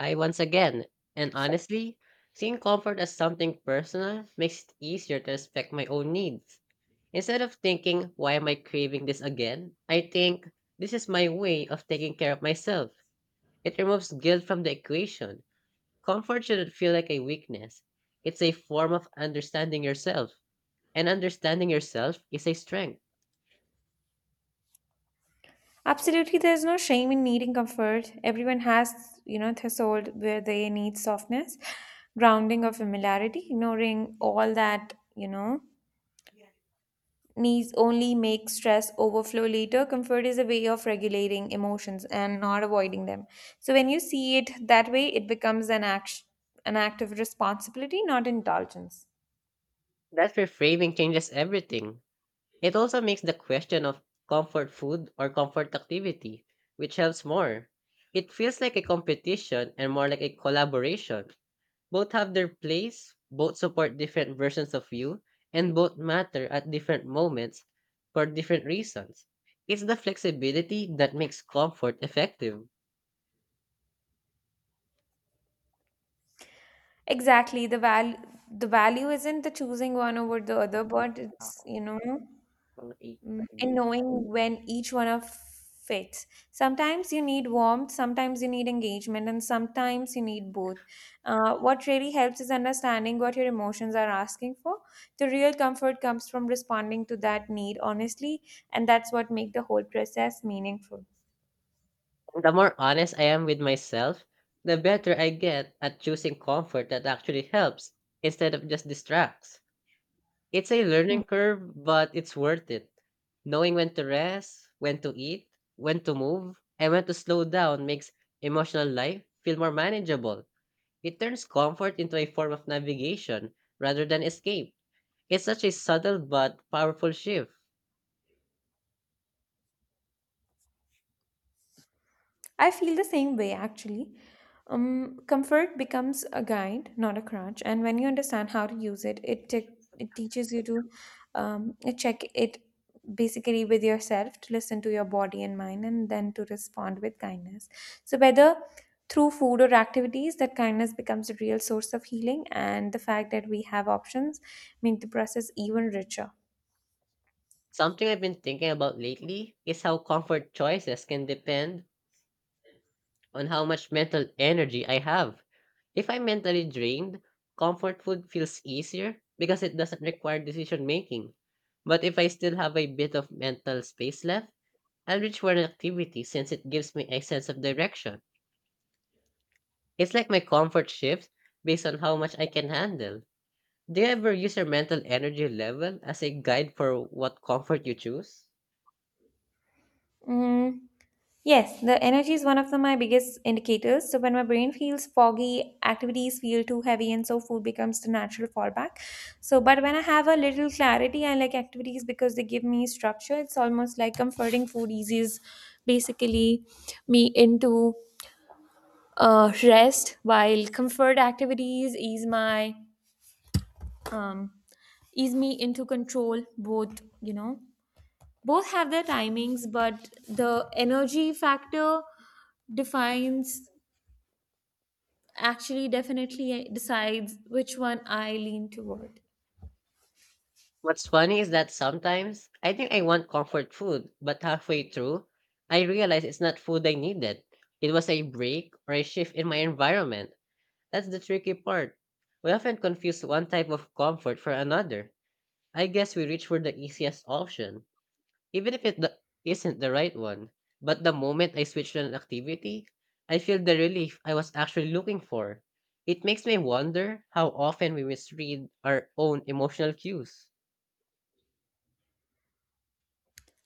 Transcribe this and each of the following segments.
I once again, and honestly, seeing comfort as something personal makes it easier to respect my own needs. Instead of thinking, why am I craving this again? I think, this is my way of taking care of myself. It removes guilt from the equation. Comfort shouldn't feel like a weakness. It's a form of understanding yourself. And understanding yourself is a strength. Absolutely, there's no shame in needing comfort. Everyone has, threshold where they need softness, grounding or familiarity. Ignoring all that, needs only make stress overflow later. Comfort is a way of regulating emotions and not avoiding them. So when you see it that way, it becomes an act of responsibility, not indulgence. That reframing changes everything. It also makes the question of comfort food or comfort activity, which helps more. It feels like a competition and more like a collaboration. Both have their place, both support different versions of you, and both matter at different moments for different reasons. It's the flexibility that makes comfort effective. Exactly. The value isn't the choosing one over the other, but it's, Ako, you know, mga eight pa mm, rin. and knowing when each one of fits. Sometimes you need warmth, sometimes you need engagement, and sometimes you need both. What really helps is understanding what your emotions are asking for. The real comfort comes from responding to that need honestly, and that's what makes the whole process meaningful. The more honest I am with myself, the better I get at choosing comfort that actually helps instead of just distracts. It's a learning curve, but it's worth it. Knowing when to rest, when to eat, when to move, and when to slow down makes emotional life feel more manageable. It turns comfort into a form of navigation rather than escape. It's such a subtle but powerful shift. I feel the same way actually. Comfort becomes a guide, not a crutch. And when you understand how to use it, it teaches you to check it basically with yourself, to listen to your body and mind, and then to respond with kindness. So whether through food or activities, that kindness becomes a real source of healing, and the fact that we have options make the process even richer. Something I've been thinking about lately is how comfort choices can depend on how much mental energy I have. If I'm mentally drained, comfort food feels easier because it doesn't require decision making. But if I still have a bit of mental space left, I'll reach for an activity since it gives me a sense of direction. It's like my comfort shifts based on how much I can handle. Do you ever use your mental energy level as a guide for what comfort you choose? Mm, yes, the energy is one of my biggest indicators. So when my brain feels foggy, activities feel too heavy, and so food becomes the natural fallback. But when I have a little clarity, I like activities because they give me structure. It's almost like comforting food eases basically me into rest, while comfort activities ease my um, ease me into control. Both, both have their timings, but the energy factor defines actually definitely decides which one I lean toward. What's funny is that sometimes I think I want comfort food, but halfway through, I realize it's not food I needed. It was a break or a shift in my environment. That's the tricky part. We often confuse one type of comfort for another. I guess we reach for the easiest option, even if it isn't the right one. But the moment I switch to an activity, I feel the relief I was actually looking for. It makes me wonder how often we misread our own emotional cues.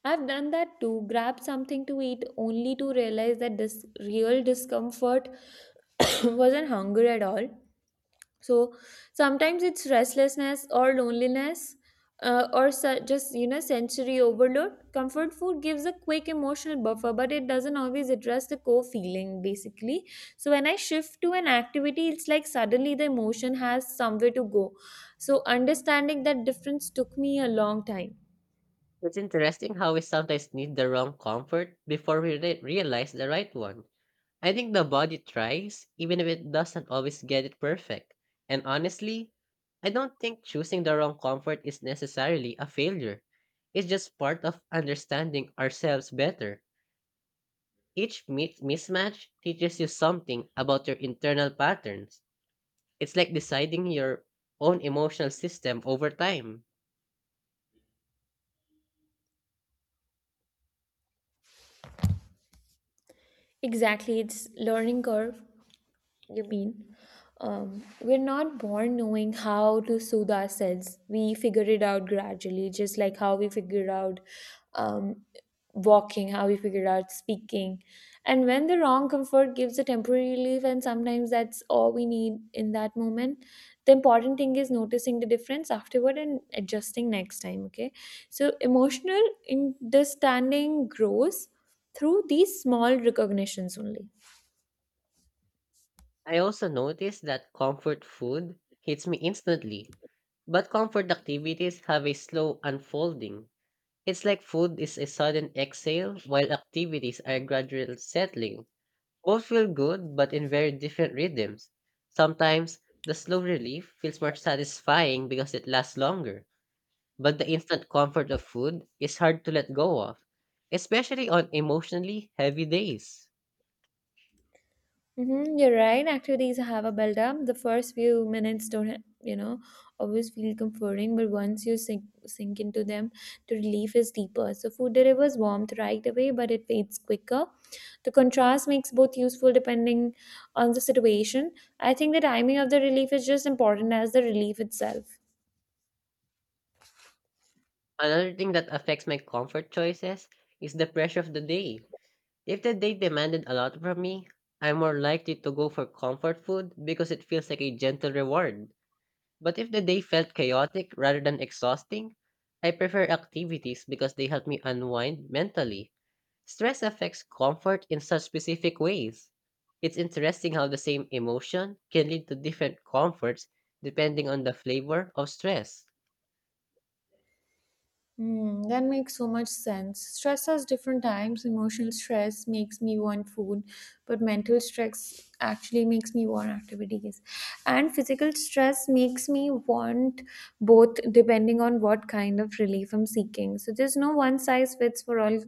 I've done that too, grabbed something to eat only to realize that this real discomfort wasn't hunger at all. So sometimes it's restlessness or loneliness, or just sensory overload. Comfort food gives a quick emotional buffer, but it doesn't always address the core feeling basically. So when I shift to an activity, it's like suddenly the emotion has somewhere to go. So understanding that difference took me a long time. It's interesting how we sometimes need the wrong comfort before we realize the right one. I think the body tries, even if it doesn't always get it perfect. And honestly, I don't think choosing the wrong comfort is necessarily a failure. It's just part of understanding ourselves better. Each mismatch teaches you something about your internal patterns. It's like deciding your own emotional system over time. Exactly, it's learning curve. You mean we're not born knowing how to soothe ourselves. We figure it out gradually, just like how we figured out um, walking, how we figured out speaking. And when the wrong comfort gives a temporary relief, and sometimes that's all we need in that moment, the important thing is noticing the difference afterward and adjusting next time. Okay. So emotional understanding grows through these small recognitions only. I also noticed that comfort food hits me instantly. But comfort activities have a slow unfolding. It's like food is a sudden exhale while activities are gradual settling. Both feel good but in very different rhythms. Sometimes the slow relief feels more satisfying because it lasts longer, but the instant comfort of food is hard to let go of, especially on emotionally heavy days. Mm-hmm, you're right. Activities have a build up. The first few minutes don't, you know, always feel comforting, but once you sink into them, the relief is deeper. So, food delivers warmth right away, but it fades quicker. The contrast makes both useful depending on the situation. I think the timing of the relief is just important as the relief itself. Another thing that affects my comfort choices is the pressure of the day. If the date demanded a lot from me, I'm more likely to go for comfort food because it feels like a gentle reward. But if the day felt chaotic rather than exhausting, I prefer activities because they help me unwind mentally. Stress affects comfort in such specific ways. It's interesting how the same emotion can lead to different comforts depending on the flavor of stress. That makes so much sense. Stress has different times. Emotional stress makes me want food, but mental stress actually makes me want activities. And physical stress makes me want both depending on what kind of relief I'm seeking. So there's no one size fits for all,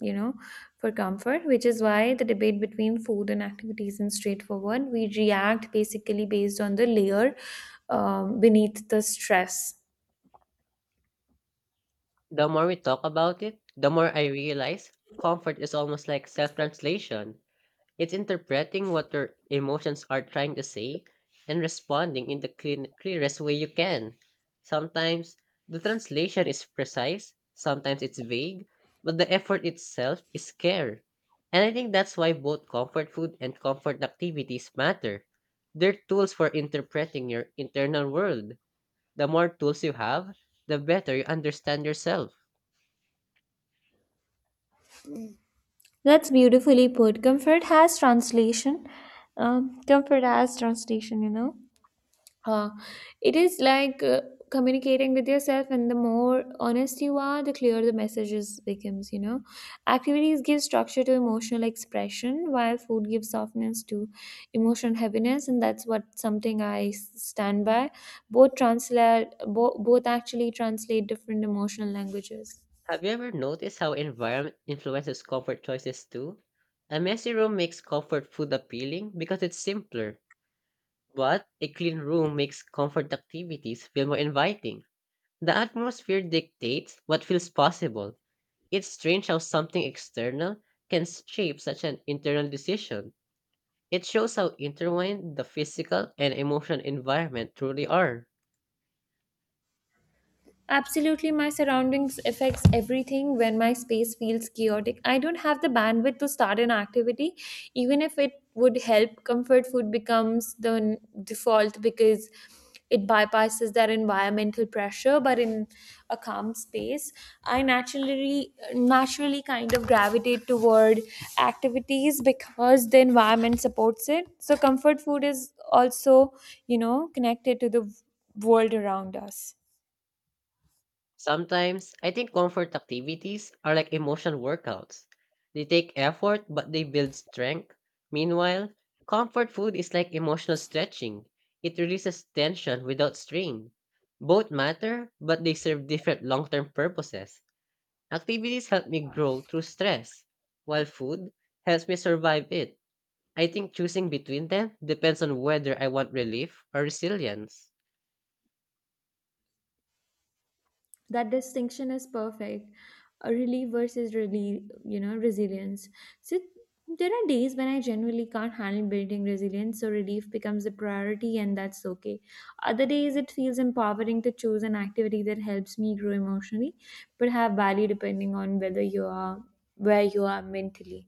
you know, for comfort, which is why the debate between food and activities isn't straightforward. We react basically based on the layer beneath the stress. The more we talk about it, the more I realize comfort is almost like self translation. It's interpreting what your emotions are trying to say and responding in the clean, clearest way you can. Sometimes the translation is precise, sometimes it's vague, but the effort itself is care. And I think that's why both comfort food and comfort activities matter. They're tools for interpreting your internal world. The more tools you have, the better you understand yourself. That's beautifully put. Comfort has translation. Comfort has translation, you know. Uh, it is like communicating with yourself, and the more honest you are, the clearer the messages becomes, you know. Activities give structure to emotional expression, while food gives softness to emotional heaviness, and that's what something I s- stand by. Both translate, both actually translate different emotional languages. Have you ever noticed how environment influences comfort choices too? A messy room makes comfort food appealing because it's simpler, but a clean room makes comfort activities feel more inviting. The atmosphere dictates what feels possible. It's strange how something external can shape such an internal decision. It shows how intertwined the physical and emotional environment truly are. Absolutely, my surroundings affects everything when my space feels chaotic. I don't have the bandwidth to start an activity, even if it would help. Comfort food becomes the default because it bypasses that environmental pressure. But in a calm space, I naturally kind of gravitate toward activities because the environment supports it. So, comfort food is also, connected to the world around us. Sometimes, I think comfort activities are like emotional workouts. They take effort, but they build strength. Meanwhile, comfort food is like emotional stretching. It releases tension without strain. Both matter, but they serve different long term purposes. Activities help me grow through stress, while food helps me survive it. I think choosing between them depends on whether I want relief or resilience. That distinction is perfect. A relief versus really, resilience. So there are days when I genuinely can't handle building resilience, so relief becomes the priority and that's okay. Other days it feels empowering to choose an activity that helps me grow emotionally, but have value depending on whether you are where you are mentally.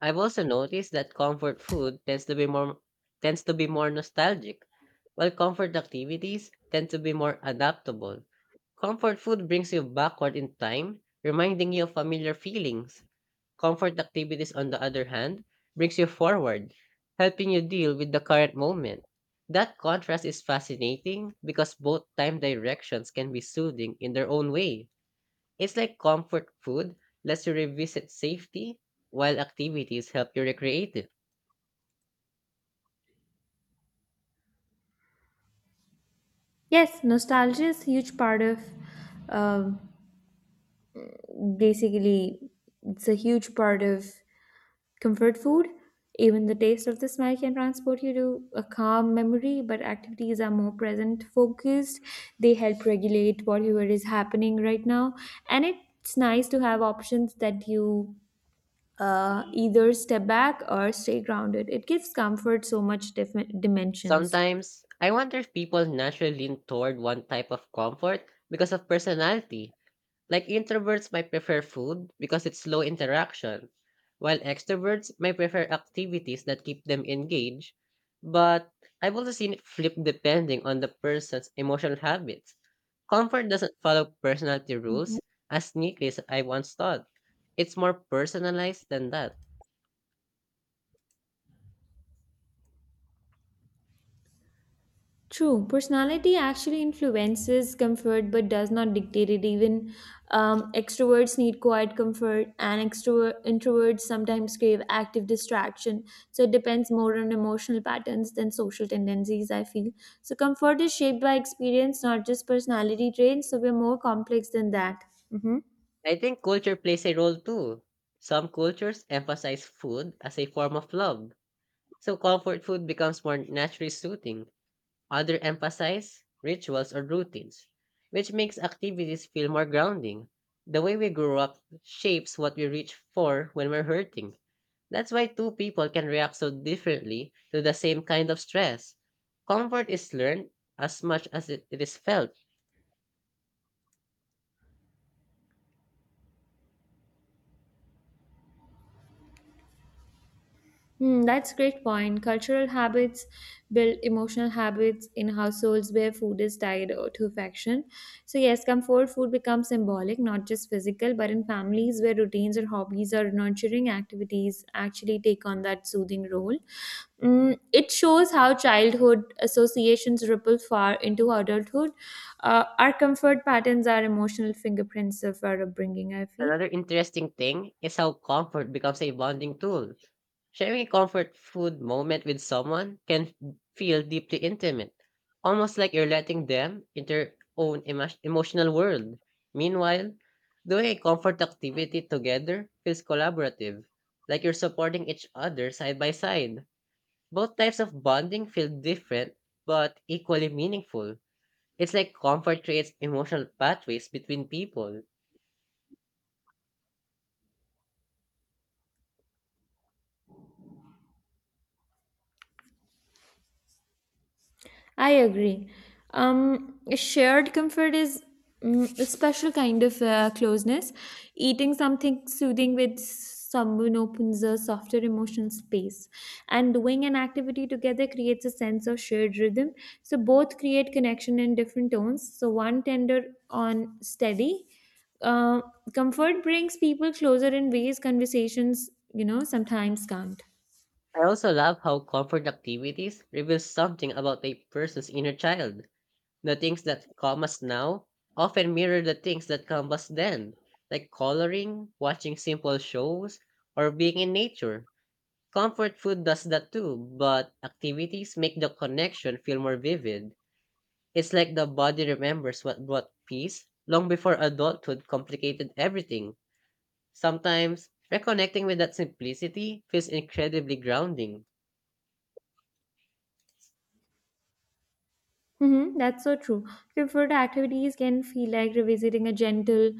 I've also noticed that comfort food tends to be more nostalgic, while comfort activities tend to be more adaptable. Comfort food brings you backward in time, reminding you of familiar feelings. Comfort activities, on the other hand, brings you forward, helping you deal with the current moment. That contrast is fascinating because both time directions can be soothing in their own way. It's like comfort food lets you revisit safety, while activities help you recreate it. Yes, nostalgia is a huge part of um basically it's a huge part of comfort food, even the taste of the smell can transport you to a calm memory, but activities are more present focused. They help regulate whatever is happening right now. And it's nice to have options that you either step back or stay grounded. It gives comfort so much different dimensions. Sometimes, I wonder if people naturally lean toward one type of comfort because of personality. Like introverts might prefer food because it's low interaction, while extroverts might prefer activities that keep them engaged. But I've also seen it flip depending on the person's emotional habits. Comfort doesn't follow personality Mhm. rules as neatly as I once thought. It's more personalized than that. True, personality actually influences comfort but does not dictate it. Even extroverts need quiet comfort, and extrovert introverts sometimes crave active distraction. So it depends more on emotional patterns than social tendencies, I feel. So comfort is shaped by experience, not just personality traits. So we're more complex than that. Mhm. I think culture plays a role too. Some cultures emphasize food as a form of love, so comfort food becomes more naturally soothing. Others emphasize rituals or routines, which makes activities feel more grounding. The way we grow up shapes what we reach for when we're hurting. That's why two people can react so differently to the same kind of stress. Comfort is learned as much as it is felt. Hmm, that's a great point. Cultural habits build emotional habits in households where food is tied to affection. So, yes, comfort food becomes symbolic, not just physical, but in families where routines or hobbies or nurturing activities actually take on that soothing role. It shows how childhood associations ripple far into adulthood. Our comfort patterns are emotional fingerprints of our upbringing, I feel. Another interesting thing is how comfort becomes a bonding tool. Sharing a comfort food moment with someone can feel deeply intimate, almost like you're letting them into your own emotional world. Meanwhile, doing a comfort activity together feels collaborative, like you're supporting each other side by side. Both types of bonding feel different but equally meaningful. It's like comfort creates emotional pathways between people. I agree. Shared comfort is a special kind of closeness. Eating something soothing with someone opens a softer emotional space, and doing an activity together creates a sense of shared rhythm. So both create connection in different tones. So one tender on steady. Uh, Comfort brings people closer in ways conversations, sometimes can't. I also love how comfort activities reveal something about a person's inner child. The things that calm us now often mirror the things that calm us then, like coloring, watching simple shows, or being in nature. Comfort food does that too, but activities make the connection feel more vivid. It's like the body remembers what brought peace long before adulthood complicated everything. Sometimes, reconnecting with that simplicity feels incredibly grounding. Mm-hmm, that's so true. Comfort activities can feel like revisiting a gentle,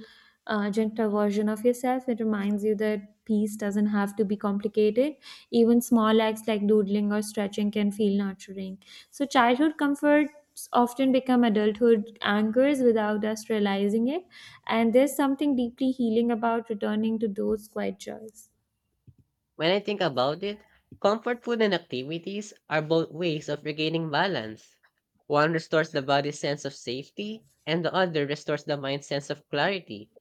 uh, gentler version of yourself. It reminds you that peace doesn't have to be complicated. Even small acts like doodling or stretching can feel nurturing. So, childhood comforts often become adulthood anchors without us realizing it. And there's something deeply healing about returning to those quiet joys. When I think about it, comfort food and activities are both ways of regaining balance. One restores the body's sense of safety, and the other restores the mind's sense of clarity.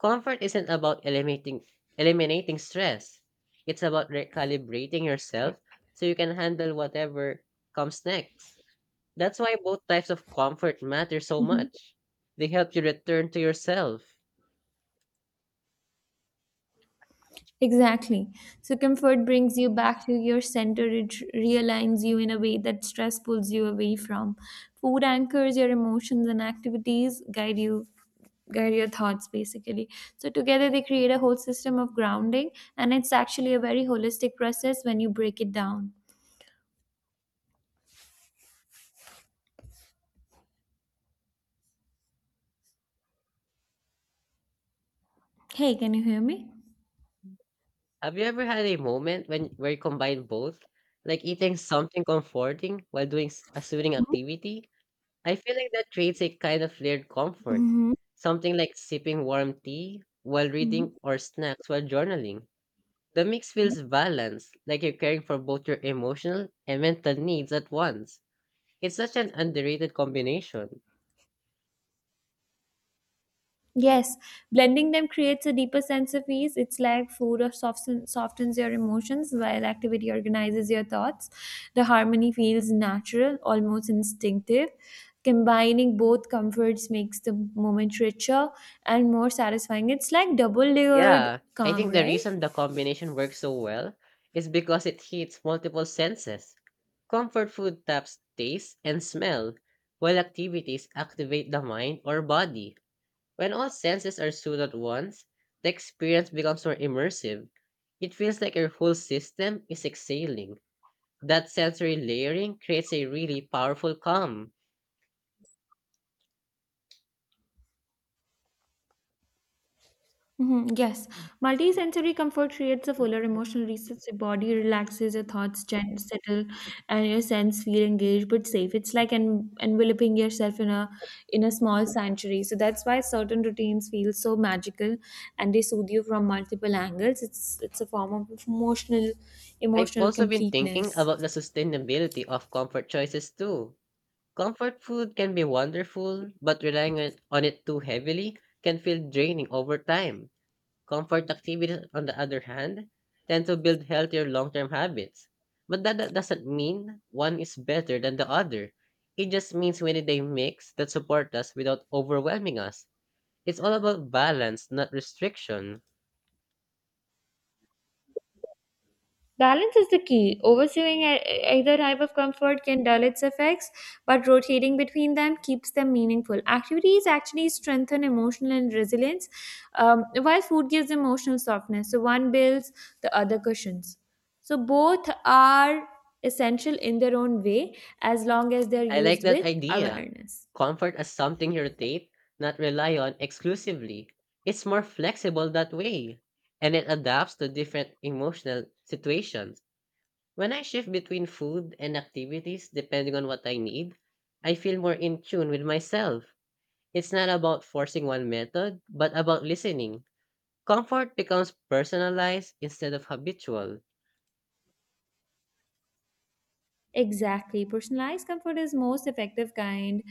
Comfort isn't about eliminating stress, it's about recalibrating yourself so you can handle whatever comes next. That's why both types of comfort matter so Mm-hmm. much. They help you return to yourself. Exactly. So comfort brings you back to your center. It r- realigns you in a way that stress pulls you away from. Food anchors your emotions and activities guide your thoughts basically. So together they create a whole system of grounding, and it's actually a very holistic process when you break it down. Hey, can you hear me? Have you ever had a moment when where you combine both, like eating something comforting while doing a soothing activity? I feel like that creates a kind of layered comfort, Mm-hmm. something like sipping warm tea while Mm-hmm. reading or snacks while journaling. The mix feels balanced, like you're caring for both your emotional and mental needs at once. It's such an underrated combination. Yes, blending them creates a deeper sense of ease. It's like food or softens your emotions while activity organizes your thoughts. The harmony feels natural, almost instinctive. Combining both comforts makes the moment richer and more satisfying. It's like double layered Yeah, I calm, think the right? reason the combination works so well is because it hits multiple senses. Comfort food taps taste and smell, while activities activate the mind or body. When all senses are soothed at once, the experience becomes more immersive. It feels like your whole system is exhaling. That sensory layering creates a really powerful calm. Mhm. Yes, multisensory comfort creates a fuller emotional reset. Your body relaxes, your thoughts settle, and your sense feel engaged but safe. It's like enveloping yourself in a small sanctuary. So that's why certain routines feel so magical, and they soothe you from multiple angles. It's a form of I've emotional also been thinking completeness. about the sustainability of comfort choices too. Comfort food can be wonderful, but relying on it too heavily can feel draining over time. Comfort activities, on the other hand, tend to build healthier long term habits. But that doesn't mean one is better than the other. It just means we need a mix that support us without overwhelming us. It's all about balance, not restriction. Balance is the key. Overseeing either type of comfort can dull its effects, but rotating between them keeps them meaningful. Activities actually strengthen emotional and resilience, while food gives emotional softness. So one builds, the other cushions. So both are essential in their own way as long as they're I like used that with idea. awareness. Comfort as something you rotate, not rely on exclusively. It's more flexible that way, and it adapts to different emotional situations. When I shift between food and activities depending on what I need, I feel more in tune with myself. It's not about forcing one method, but about listening. Comfort becomes personalized instead of habitual. Exactly. Personalized comfort is most effective kind.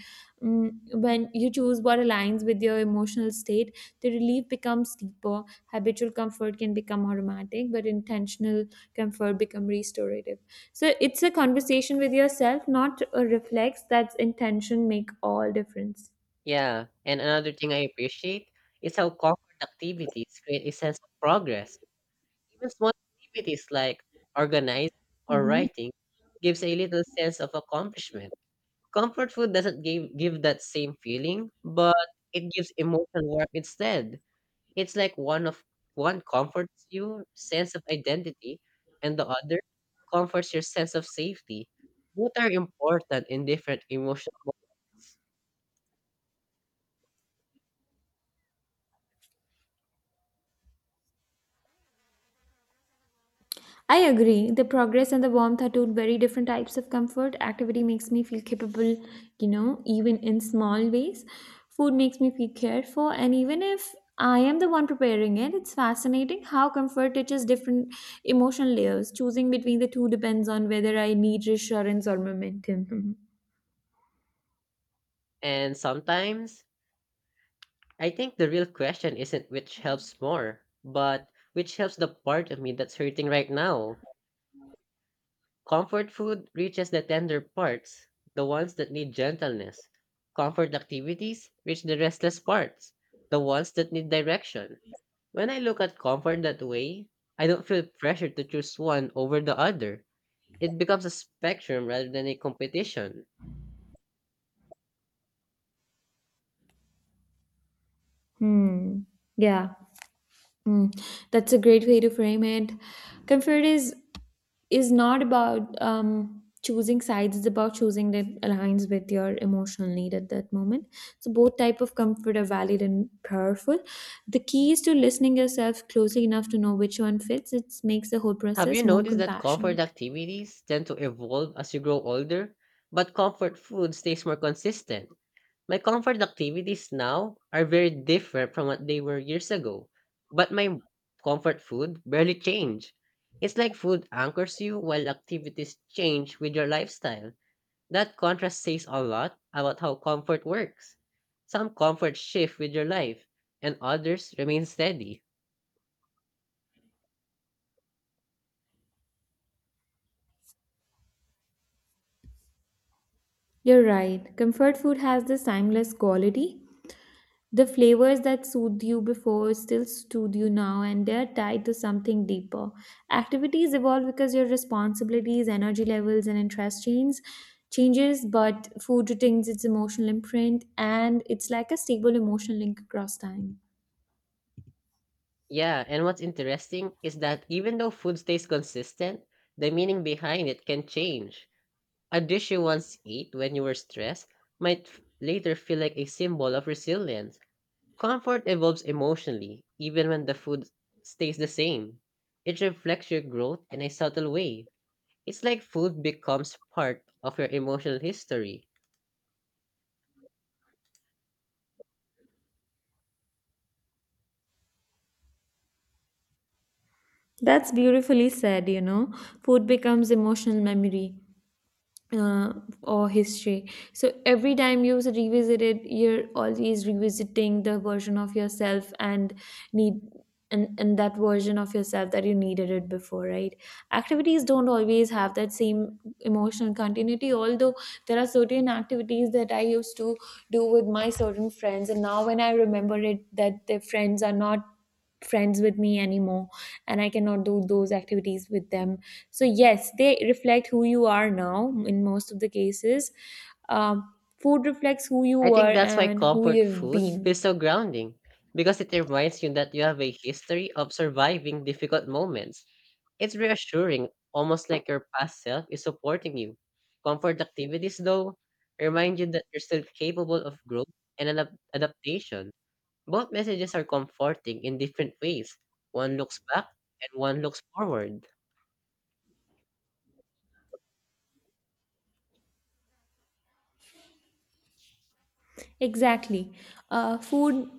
When you choose what aligns with your emotional state, the relief becomes deeper. Habitual comfort can become automatic, but intentional comfort become restorative. So it's a conversation with yourself, not a reflex. That's intention make all difference. Yeah, and another thing I appreciate is how comfort activities create a sense of progress. Even small activities like organizing or Mhm. writing gives a little sense of accomplishment. Comfort food doesn't give that same feeling, but it gives emotional warmth instead. It's like one comforts your sense of identity and the other comforts your sense of safety. Both are important in different emotions. I agree. The progress and the warmth are two very different types of comfort. Activity makes me feel capable, even in small ways. Food makes me feel cared for, and even if I am the one preparing it, it's fascinating how comfort touches different emotional layers. Choosing between the two depends on whether I need reassurance or momentum. And sometimes I think the real question isn't which helps more, but which helps the part of me that's hurting right now. Comfort food reaches the tender parts, the ones that need gentleness. Comfort activities reach the restless parts, the ones that need direction. When I look at comfort that way, I don't feel pressure to choose one over the other. It becomes a spectrum rather than a competition. Hmm. Yeah. Hmm. That's a great way to frame it. Comfort is not about choosing sides. It's about choosing that aligns with your emotional need at that moment, so both type of comfort are valid and powerful. The key is to listening yourself closely enough to know which one fits. It makes the whole Have you process more noticed that comfort compassionate. activities tend to evolve as you grow older, but comfort food stays more consistent? My comfort activities now are very different from what they were years ago, but my comfort food barely changed. It's like food anchors you while activities change with your lifestyle. That contrast says a lot about how comfort works. Some comfort shift with your life, and others remain steady. You're right, comfort food has this timeless quality. The flavors that soothed you before still soothe you now, and they're tied to something deeper. Activities evolve because your responsibilities, energy levels, and interest changes, but food retains its emotional imprint, and it's like a stable emotional link across time. Yeah, and what's interesting is that even though food stays consistent, the meaning behind it can change. A dish you once ate when you were stressed might later feel like a symbol of resilience. Comfort evolves emotionally, even when the food stays the same. It reflects your growth in a subtle way. It's like food becomes part of your emotional history. That's beautifully said, you know. Food becomes emotional memory. uh, or history. So every time you revisit it, you're always revisiting the version of yourself and need and, that version of yourself that you needed it before, right? Activities don't always have that same emotional continuity, although there are certain activities that I used to do with my certain friends, and now when I remember it, that the friends are not friends with me anymore and I cannot do those activities with them. So yes, they reflect who you are now in most of the cases. um, Food reflects who you I were think that's why and who comfort you've food been. feels so grounding, because it reminds you that you have a history of surviving difficult moments. It's reassuring, almost like your past self is supporting you. Comfort activities, though, remind you that you're still capable of growth and adaptation. Both messages are comforting in different ways. One looks back and one looks forward. Exactly. Food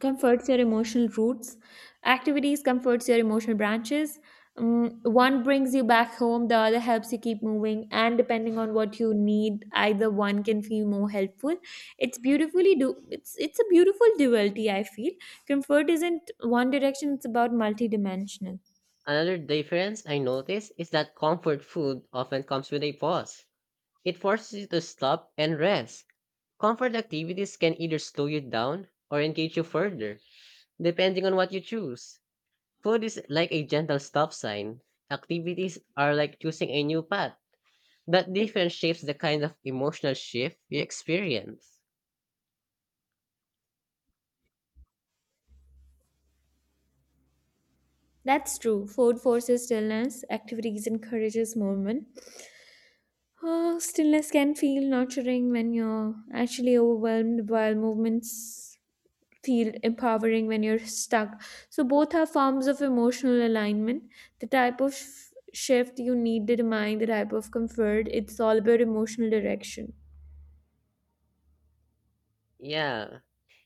comforts your emotional roots, activities comforts your emotional branches. One brings you back home, the other helps you keep moving, and depending on what you need, either one can feel more helpful. It's a beautiful duality, I feel. Comfort isn't one direction, it's about multidimensional. Another difference I notice is that comfort food often comes with a pause. It forces you to stop and rest. Comfort activities can either slow you down or engage you further, depending on what you choose. Food is like a gentle stop sign. Activities are like choosing a new path. That difference shapes the kind of emotional shift you experience. That's true. Food forces stillness, activities encourages movement. Oh, stillness can feel nurturing when you're actually overwhelmed, while movements feel empowering when you're stuck. So, both are forms of emotional alignment. The type of shift you need determine the type of comfort. It's all about emotional direction. Yeah,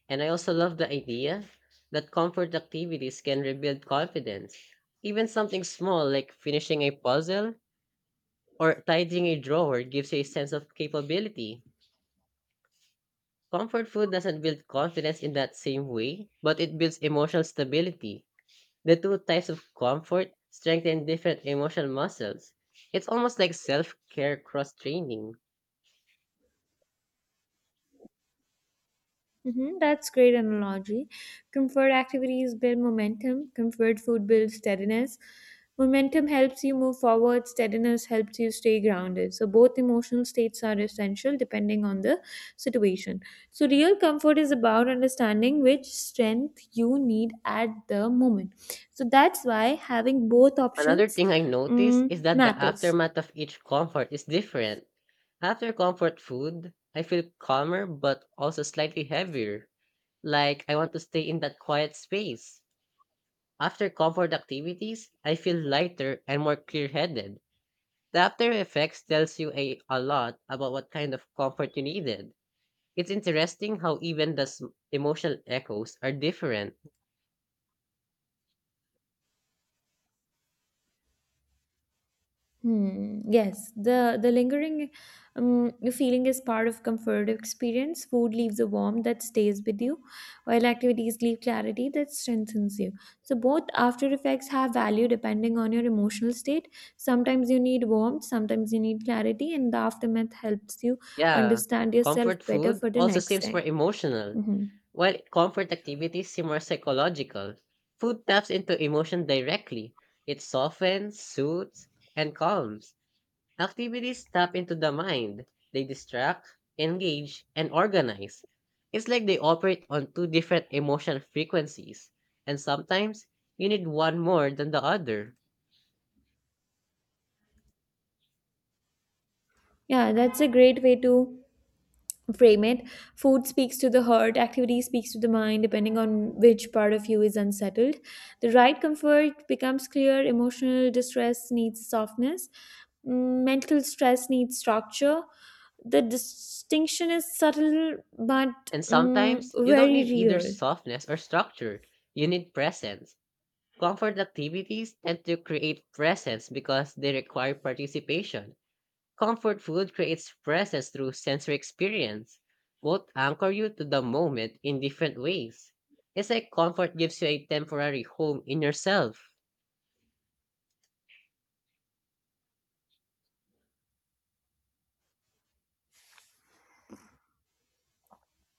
and I also love the idea that comfort activities can rebuild confidence. Even something small like finishing a puzzle or tidying a drawer gives you a sense of capability. Comfort food doesn't build confidence in that same way, but it builds emotional stability. The two types of comfort strengthen different emotional muscles. It's almost like self care cross training. Hmm, that's great analogy. Comfort activities build momentum. Comfort food builds steadiness. Momentum helps you move forward. Steadiness helps you stay grounded. So both emotional states are essential depending on the situation. So real comfort is about understanding which strength you need at the moment. So that's why having both Another options thing I noticed is that the matters. aftermath of each comfort is different. After comfort food, I feel calmer but also slightly heavier, like I want to stay in that quiet space. After comfort activities, I feel lighter and more clear headed. The after effects tells you a lot about what kind of comfort you needed. It's interesting how even the emotional echoes are different. Hmm. Yes, the lingering um, feeling is part of comfort experience. Food leaves a warmth that stays with you, while activities leave clarity that strengthens you. So both after effects have value depending on your emotional state. Sometimes you need warmth, sometimes you need clarity, and the aftermath helps you Yeah, understand yourself comfort better food for the also next seems more time. emotional, Hmm. while comfort activities seem more psychological. Food taps into emotion directly. It softens, soothes, and calms. Activities tap into the mind. They distract, engage, and organize. It's like they operate on two different emotional frequencies, and sometimes you need one more than the other. Yeah, that's a great way to frame it. Food speaks to the heart, activity speaks to the mind. Depending on which part of you is unsettled, the right comfort becomes clear. Emotional distress needs softness, mental stress needs structure. The distinction is subtle but And sometimes you don't very need either real. softness or structure. You need presence, comfort activities, tend to create presence because they require participation. Comfort food creates presence through sensory experience. Both anchor you to the moment in different ways. It's like comfort gives you a temporary home in yourself.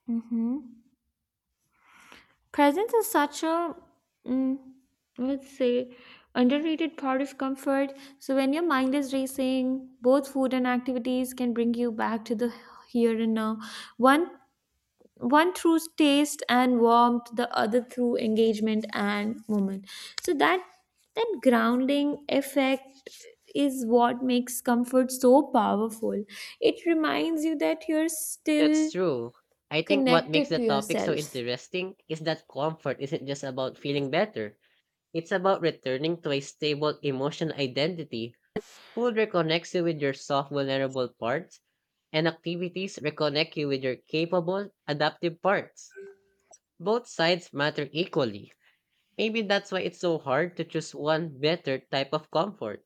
Hmm. Presence is such a, mm, let's say, underrated part of comfort. So when your mind is racing, both food and activities can bring you back to the here and now. One one through taste and warmth, the other through engagement and movement. So that grounding effect is what makes comfort so powerful. It reminds you that you're That's still true. I think what makes connected the to topic so yourself. interesting is that comfort isn't just about feeling better. It's about returning to a stable emotional identity. Food reconnects you with your soft, vulnerable parts, and activities reconnect you with your capable, adaptive parts. Both sides matter equally. Maybe that's why it's so hard to choose one better type of comfort.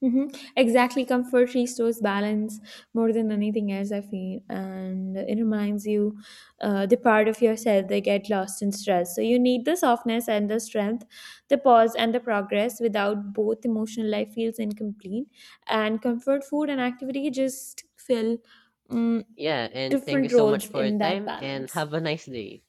Hmm. Exactly. Comfort restores balance more than anything else, I feel. And it reminds you the part of yourself that get lost in stress. So you need the softness and the strength, the pause and the progress. Without both, emotional life feels incomplete. And comfort food and activity just fill um, Yeah, and thank you different so much roles for your in that time and balance. have a nice day.